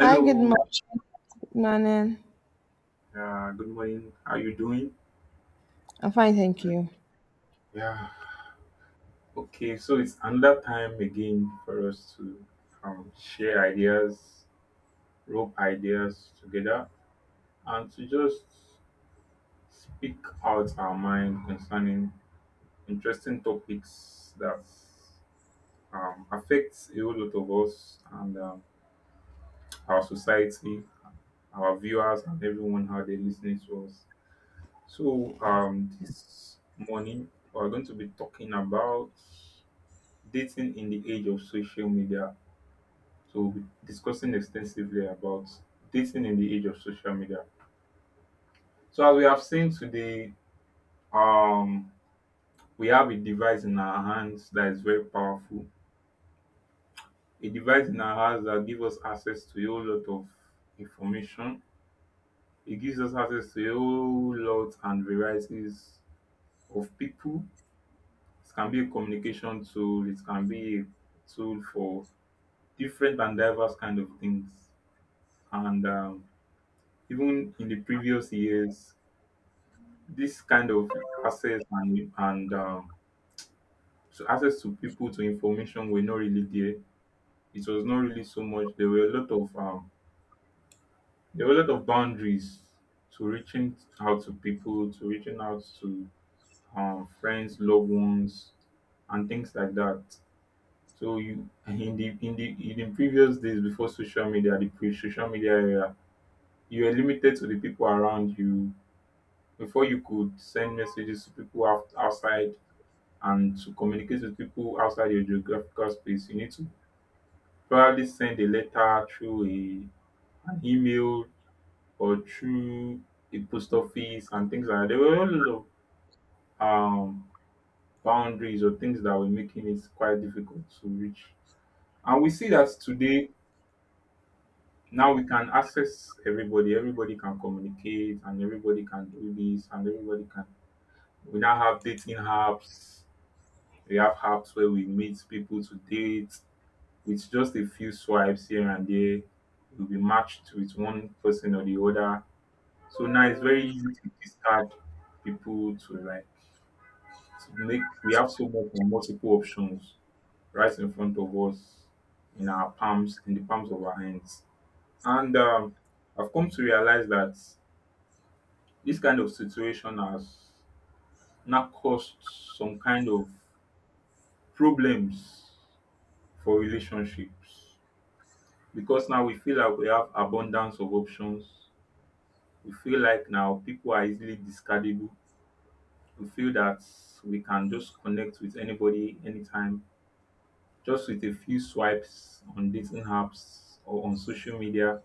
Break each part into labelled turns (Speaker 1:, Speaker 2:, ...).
Speaker 1: Hi, good morning.
Speaker 2: good morning. How you doing?
Speaker 1: I'm fine, thank you.
Speaker 2: Yeah. Okay, so it's another time again for us to share ideas, rope ideas together, and to just speak out our mind concerning interesting topics that affects a whole lot of us, and our society, our viewers, and everyone how they listening to us. So this morning we are going to be talking about dating in the age of social media. So we'll be discussing extensively about dating in the age of social media. So as we have seen today, um, we have a device in our hands that is very powerful. A device in our hands that gives us access to a whole lot of information. It gives us access to a whole lot and varieties of people. It can be a communication tool. It can be a tool for different and diverse kind of things. And even in the previous years, this kind of access and so access to people to information were not really there. It was not really so much. There were a lot of there were a lot of boundaries to reaching out to people, to reaching out to friends, loved ones, and things like that. So you in the previous days before social media, the pre-social media era, you were limited to the people around you before you could send messages to people outside, and to communicate with people outside your geographical space, you need to probably send a letter through a, an email or through a post office and things like that. There were a lot of boundaries or things that were making it quite difficult to reach. And we see that today, now we can access everybody, everybody can communicate, and everybody can do this, and everybody can. We now have dating apps. We have apps where we meet people to date. With just a few swipes here and there, you'll be matched with one person or the other. So now it's very easy to discard people to like to make we have so much and multiple options right in front of us, in our palms, in the palms of our hands. And I've come to realize that this kind of situation has now caused some kind of problems for relationships, because now we feel like we have abundance of options. We feel like now people are easily discardable. We feel that we can just connect with anybody anytime, just with a few swipes on dating apps or on social media.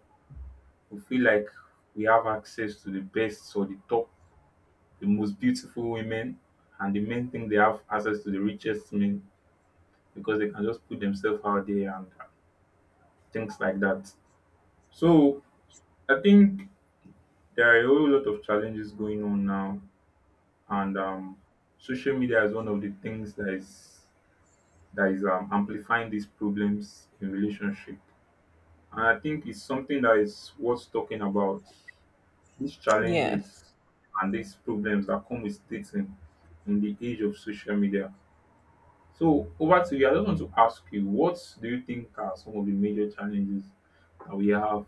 Speaker 2: We feel like we have access to the best or the top, the most beautiful women, and the men think they have access to the richest men because they can just put themselves out there and things like that. So I think there are a whole lot of challenges going on now, and social media is one of the things that is amplifying these problems in relationship. And I think it's something that is worth talking about. These challenges and these problems that come with dating in the age of social media. So over to you. I just want to ask you, what do you think are some of the major challenges that we have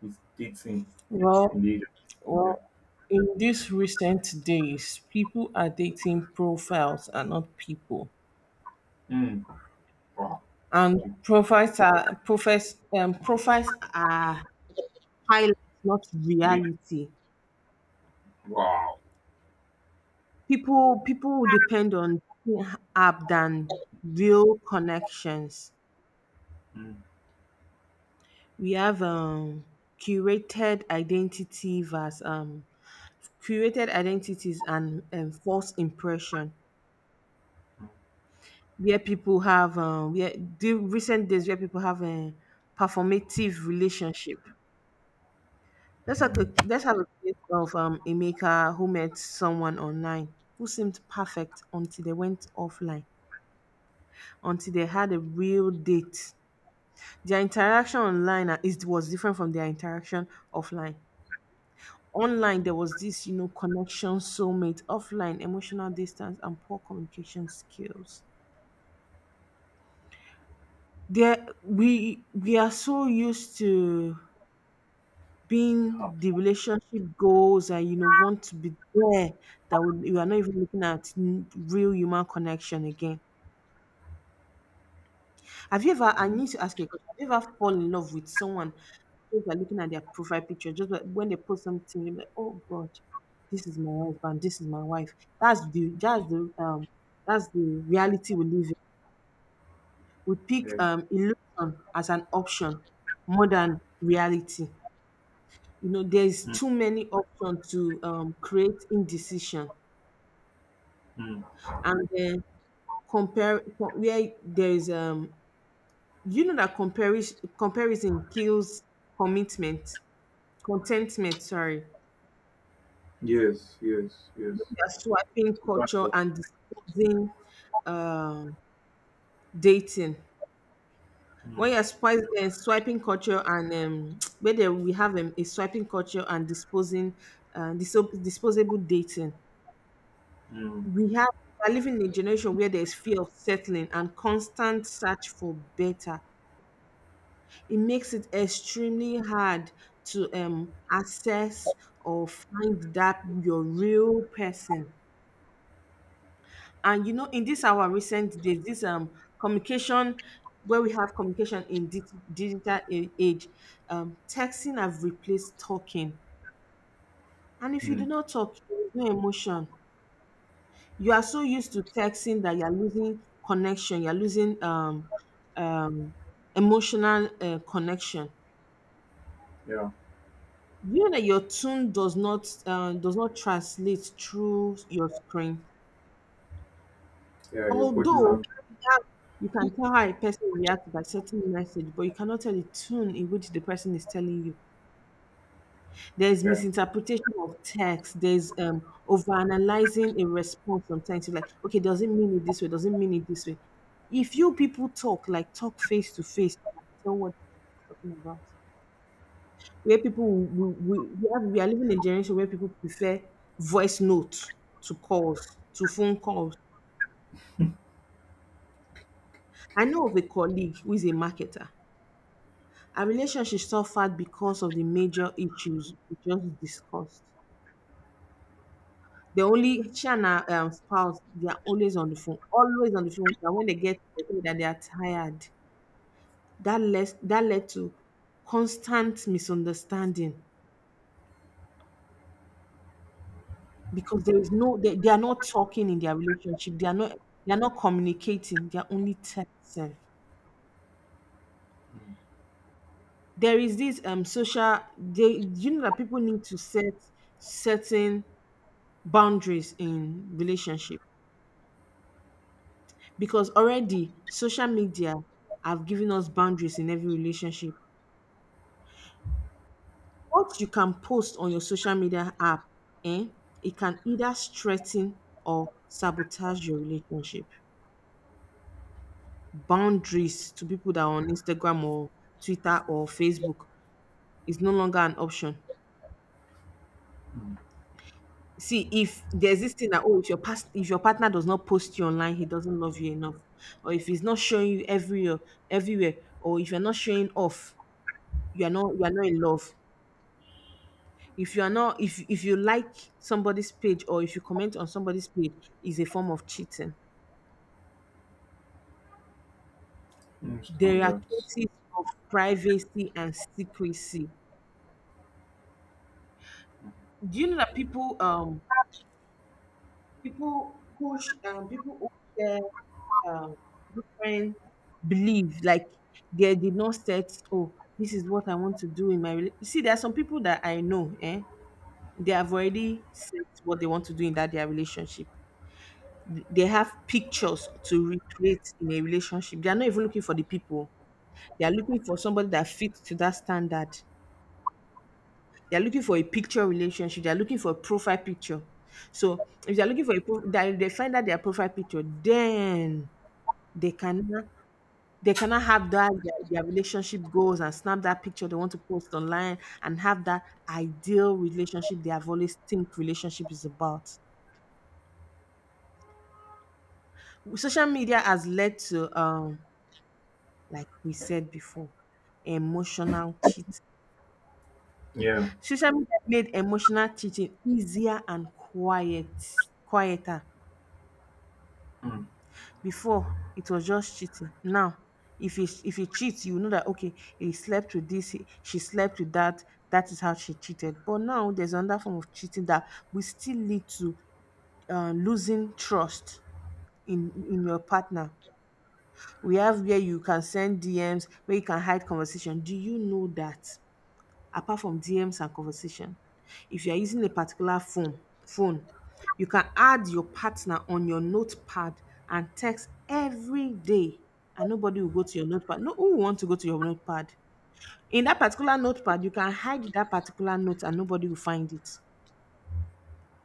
Speaker 2: with dating in the age of social media? Hmm. Wow. Really. Wow. Mm, mm, mm, Hot. Mm, Yeah. mm, mm, Yes, yes, yes. Exactly. mm, mm, mm. Yeah, yeah, your body language. Yeah, mm, mm, standards. Yeah. Mm,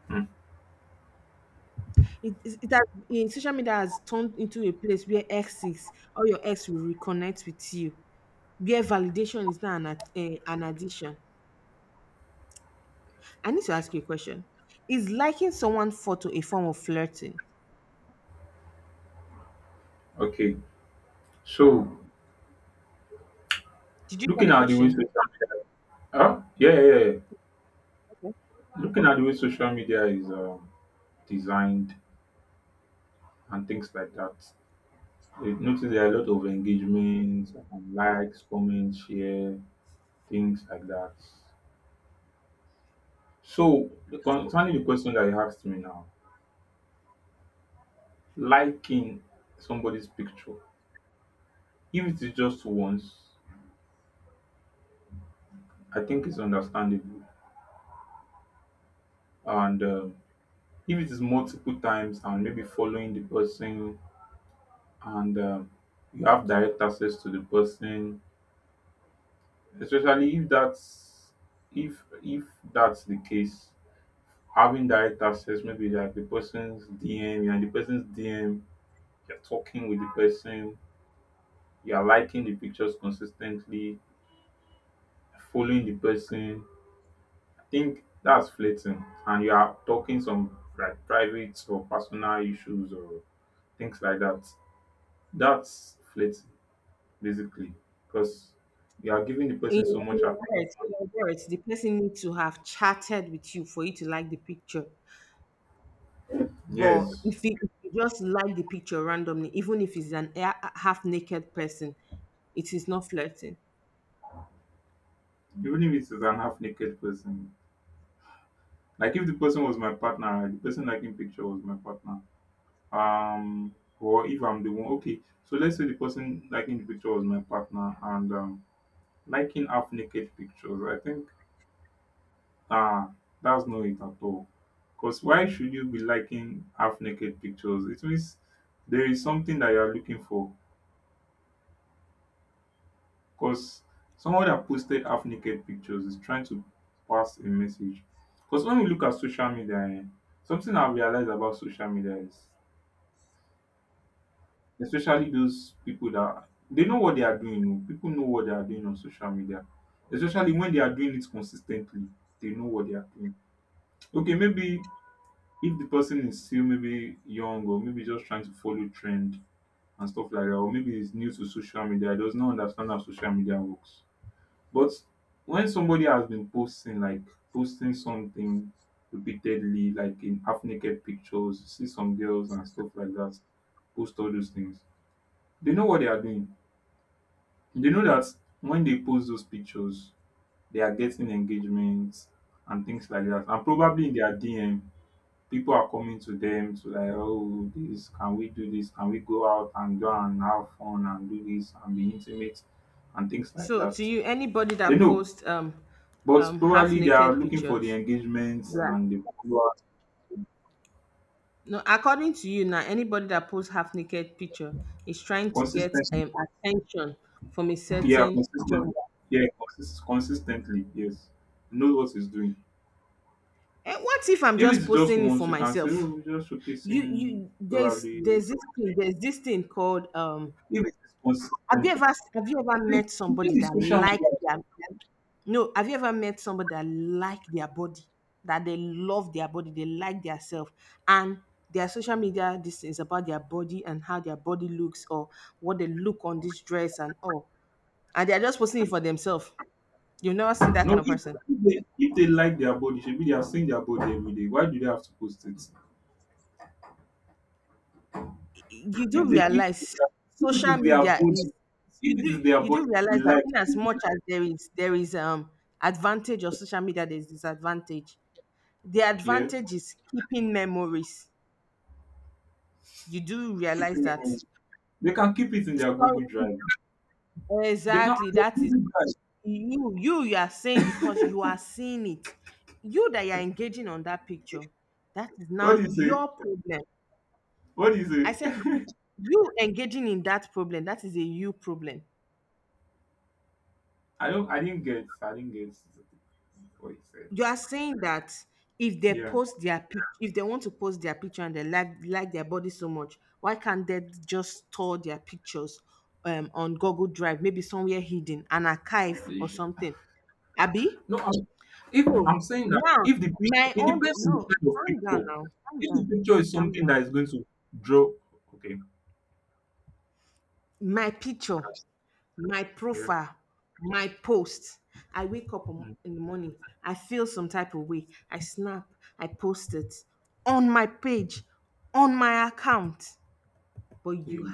Speaker 2: mm. Okay. So, looking at the way social media, huh? Yeah, yeah, yeah. Looking at the way social media is designed and things like that, you notice there are a lot of engagements, and likes, comments, share, things like that. So, the concerning the question that you asked me now, liking somebody's picture, if it is just once, I think it's understandable. And if it is multiple times and maybe following the person, and you have direct access to the person, especially if that's if that's the case, having direct access, maybe like the person's DM, you're in the person's DM, you're talking with the person, you're liking the pictures consistently, following the person, I think that's flirting, and you are talking some like private or personal issues or things like that. That's flirting basically, because you are giving the person so much attention. Yes, even if it's an half naked person. Like if the person was my partner, right, the person liking picture was my partner. Or if I'm the one, okay. So let's say the person liking the picture was my partner, and liking half naked pictures. I think, ah, that's not it at all. Because why should you be liking half naked pictures? It means there is something that you are looking for. Because someone that posted half naked pictures is trying to pass a message. Because when we look at social media, eh, something I've realized about social media is especially those people that they know what they are doing. Oh. People know what they are doing on social media, especially when they are doing it consistently. They know what they are doing. Okay, maybe if the person is still maybe young or maybe just trying to follow trend and stuff like that, or maybe is new to social media, does not understand how social media works. But when somebody has been posting, like posting something repeatedly, like in half naked pictures, you see some girls and stuff like that, post all those things. They know what they are doing. They know that when they post those pictures, they are getting engagements and things like that. And probably in their DM, people are coming to them to like, oh, this, can we do this? Can we go out and go and have fun and do this and be intimate and things like that? They know, but probably they are looking for the engagements and the followers consistently. Yeah, consistently. Yeah, consistently. Yes, knows what he's doing. If it's just once, you can say, oh, we're just showcasing probably. If it's consistently, the thing is social media. No, if, if they like their body, should be they are seeing their body every day. Why do they have to post it? If they if it is their body, if it is their body, they like so yeah, keeping it in, they can keep it in their Google Drive. They can what do you say? What do you say? I don't. I didn't get what you said. Yeah. They should- no, if I'm saying that if the picture, it depends on the kind of picture. If the picture is something that is going to draw, okay, yeah, mm, yeah,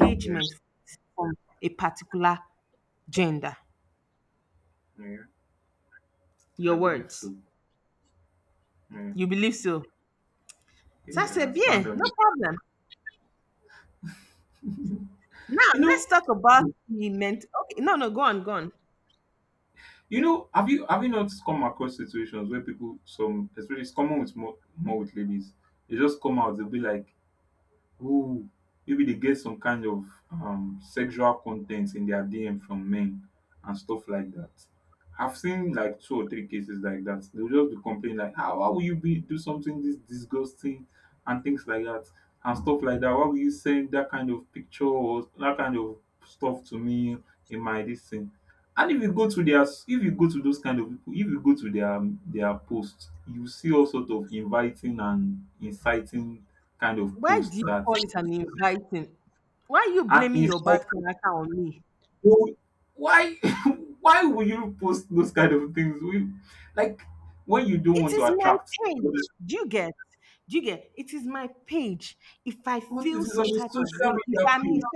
Speaker 2: yeah, yeah, I believe so. Yeah, yeah, I stand on it. You know, you know, have you not come across situations where people, some, especially it's common with more with ladies, they just come out, they'll be like, who maybe they get some kind of sexual content in their DM from men and stuff like that. I've seen like two or three cases like that. They'll just be complaining like, how will you be do something this disgusting and things like that and stuff like that. Why will you send that kind of picture or that kind of stuff to me in my this thing? And if you go to their if you go to those kind of people, if you go to their posts, you see all sort of inviting and inciting kind of posts that, and he's trying to why why would you post those kind of things we like when you don't want to attract others, but it is on a social media page.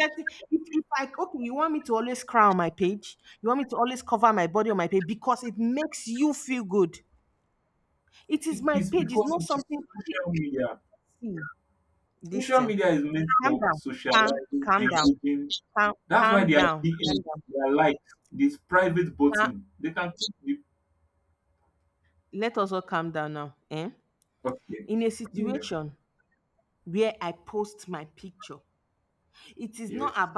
Speaker 2: It is because it is social media. Social media is meant for socializing, engaging. That's why they are DMs, they are like this private button they can click the. Okay. Yeah. Yes.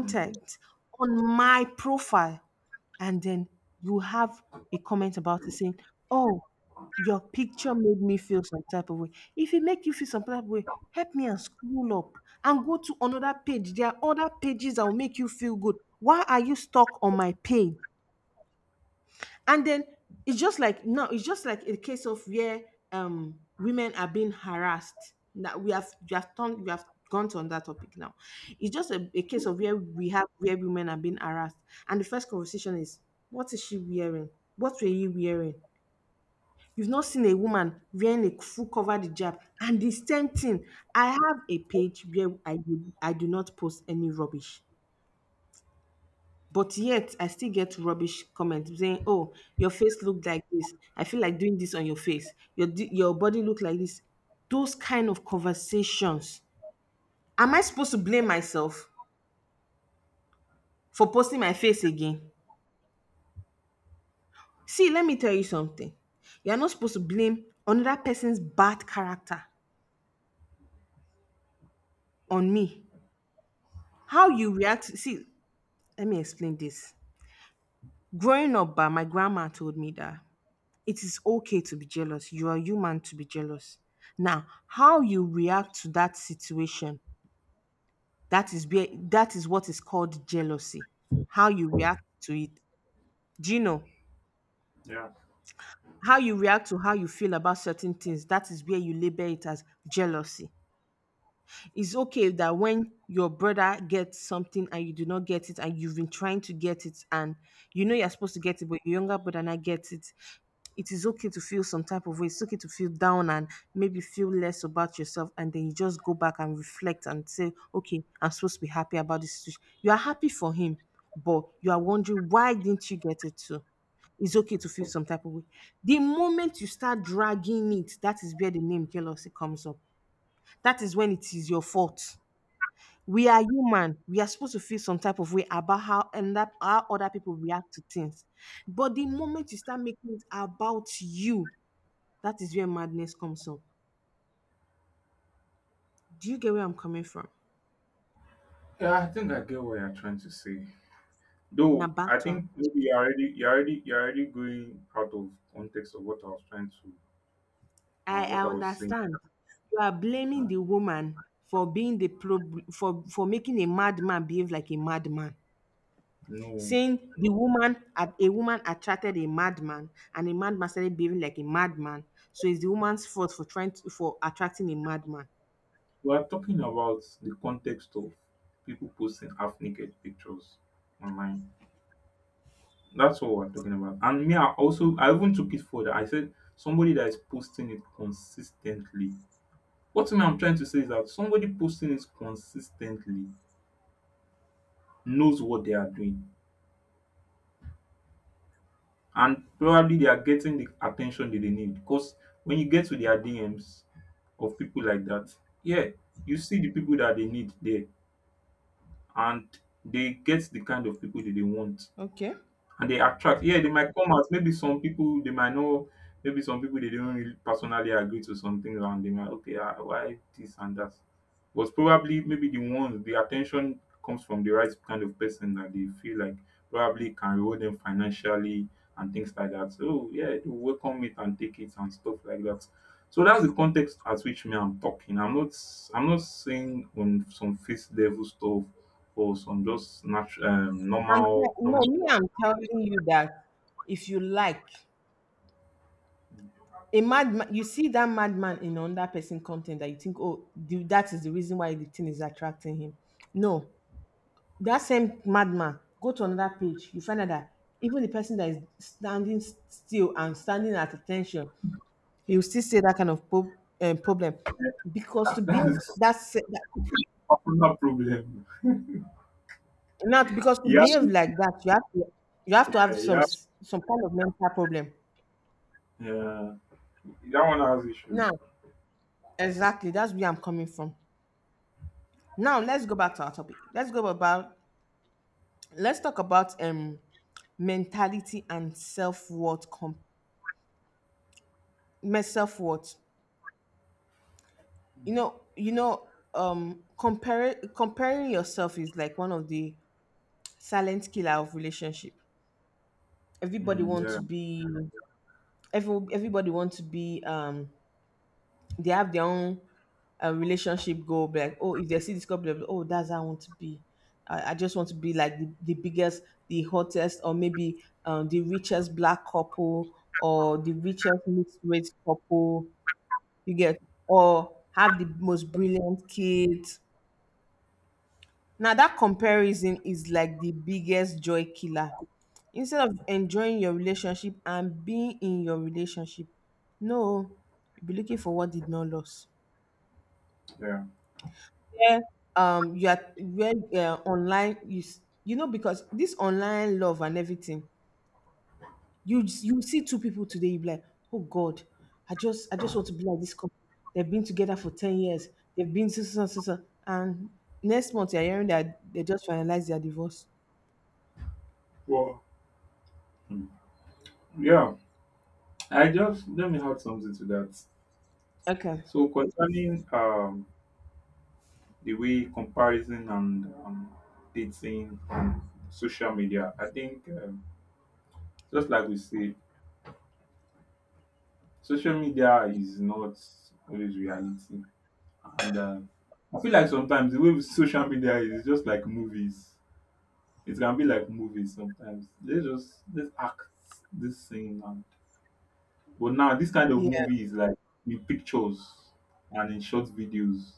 Speaker 2: Mm. Yeah. Yeah, I think I get what you're trying to say. Though I think maybe you're already going out of context of what I was trying to what I was saying. Uh, no, we are talking about the context of people posting half naked pictures online. That's what we're talking about. And me, I even took it further. I said somebody that is posting it consistently. What I'm trying to say is that somebody posting it consistently knows what they are doing and probably they are getting the attention that they need, because when you get to their DMs of people like that, yeah, you see the people that they need there, and they get the kind of people that they want, and they attract. Yeah, they might come out. Maybe some people they might know. Maybe some people they don't really personally agree to some things, and they might okay, ah, why this and that. But probably maybe the ones the attention comes from the right kind of person that they feel like probably can reward them financially and things like that. So yeah, they will welcome it and take it and stuff like that. So that's the context at which me I'm talking. I'm not saying on some face level stuff or some just natural normal That is another problem. Yeah, have, yeah, yeah, that one has issues. Yeah, yeah. Well, mm, yeah. I just let me add something to that. So concerning the way comparison and dating and social media, I think just like we say, social media is not always reality, and I feel like sometimes the way with social media is just like movies; it can be like movies sometimes. Let's act this thing and but now this kind of movie is like in pictures and in short videos.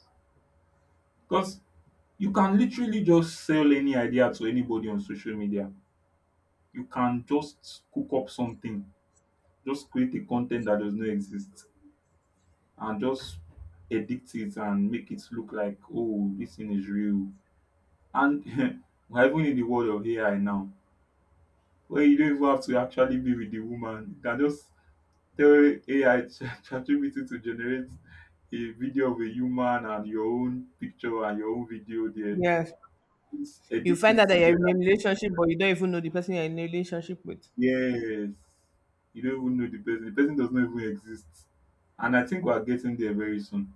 Speaker 2: Because you can literally just sell any idea to anybody on social media. You can just cook up something, just create a content that does not exist and just edit it and make it look like oh this thing is real. And we're even in the world of AI now. Where you don't even have to actually be with the woman. You can just tell AI Chat ChatGPT to generate a video of a human and your own picture and your own video there. It's edit it together. Yes. You don't even know the person. The person does not even exist. And I think we are getting there very soon.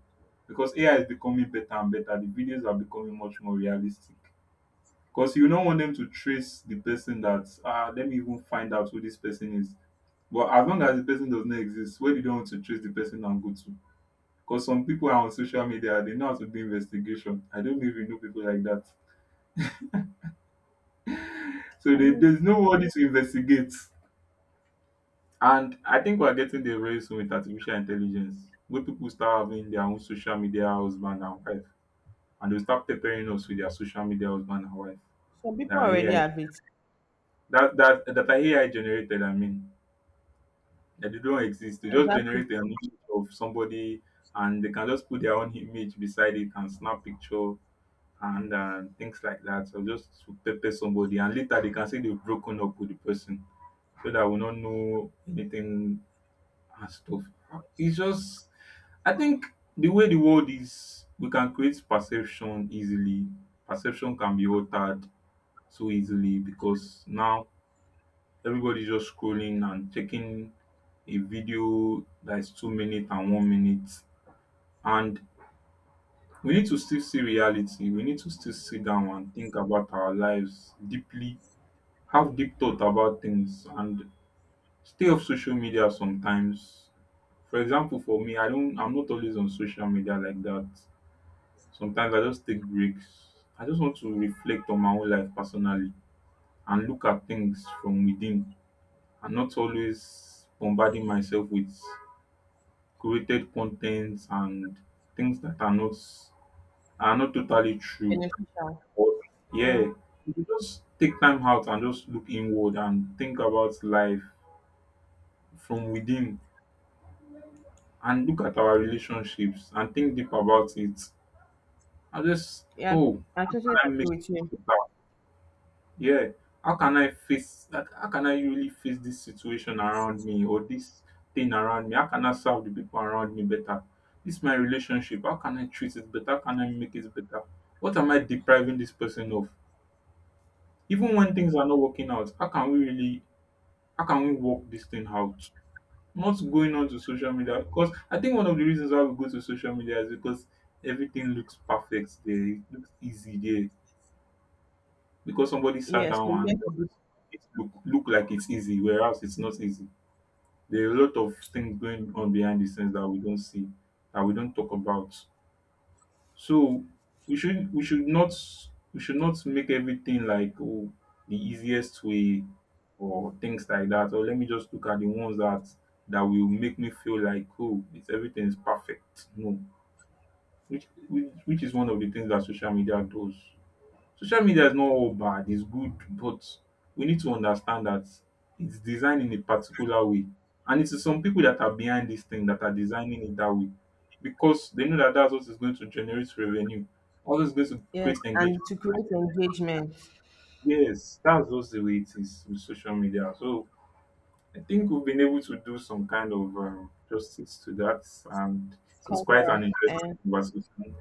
Speaker 2: Because AI is becoming better and better. The videos are becoming much more realistic. Because you don't want them to trace the person that ah, let me even find out who this person is. But as long as the person does not exist, where do you don't want to trace the person and go to? Because some people are on social media, they know how to do investigation. I don't even know people like that. So there's nobody to investigate. And I think we're getting there very soon with artificial intelligence, where people start having their own social media husband and wife, and they start preparing us with their social media husband and wife. That are AI, that are AI generated, I mean, that they don't exist. They just generate the image of somebody and they can just put their own image beside it and snap picture and things like that so just to pepper somebody and later they can say they've broken up with the person so that we don't know anything and stuff. It's just I think the way the world is, we can create perception easily. Perception can be altered so easily because now everybody's just scrolling and checking a video that is 2 minutes and 1 minute. And we need to still see reality. We need to still sit down and think about our lives deeply, have deep thought about things, and stay off social media sometimes. For example, for me, I'm not always on social media like that. Sometimes I just take breaks. I just want to reflect on my own life personally and look at things from within and not always bombarding myself with curated contents and things that are not totally true. Or yeah. You just take time out and just look inward and think about life from within and look at our relationships and think deep about it. I just, oh, can I make it better? Yeah. How can I face, like, how can I really face this situation around me or this thing around me? How can I serve the people around me better? This my relationship. How can I treat it better? How can I make it better? What am I depriving this person of? Even when things are not working out, how can we really how can we work this thing out? Not going on to social media, because I think one of the reasons why we go to social media is because everything looks perfect there. It looks easy there. Because somebody sat down and it look like it's easy, whereas it's not easy. There are a lot of things going on behind the scenes that we don't see, that we don't talk about. So we should not we should not make everything like oh the easiest way or things like that. Or let me just look at the ones that will make me feel like oh it's everything is perfect. No, which is one of the things that social media does. Social media is not all bad, it's good, but we need to understand that it's designed in a particular way. And it's some people that are behind this thing that are designing it that way because they know that that's what is going to generate revenue, all is going to create engagement. Yes, that's just the way it is with social media. So I think we've been able to do some kind of justice to that, and so it's quite an interesting conversation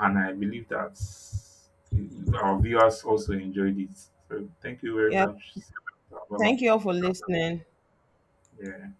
Speaker 2: and I believe that our viewers also enjoyed it. So thank you very much. Bye bye. Yeah.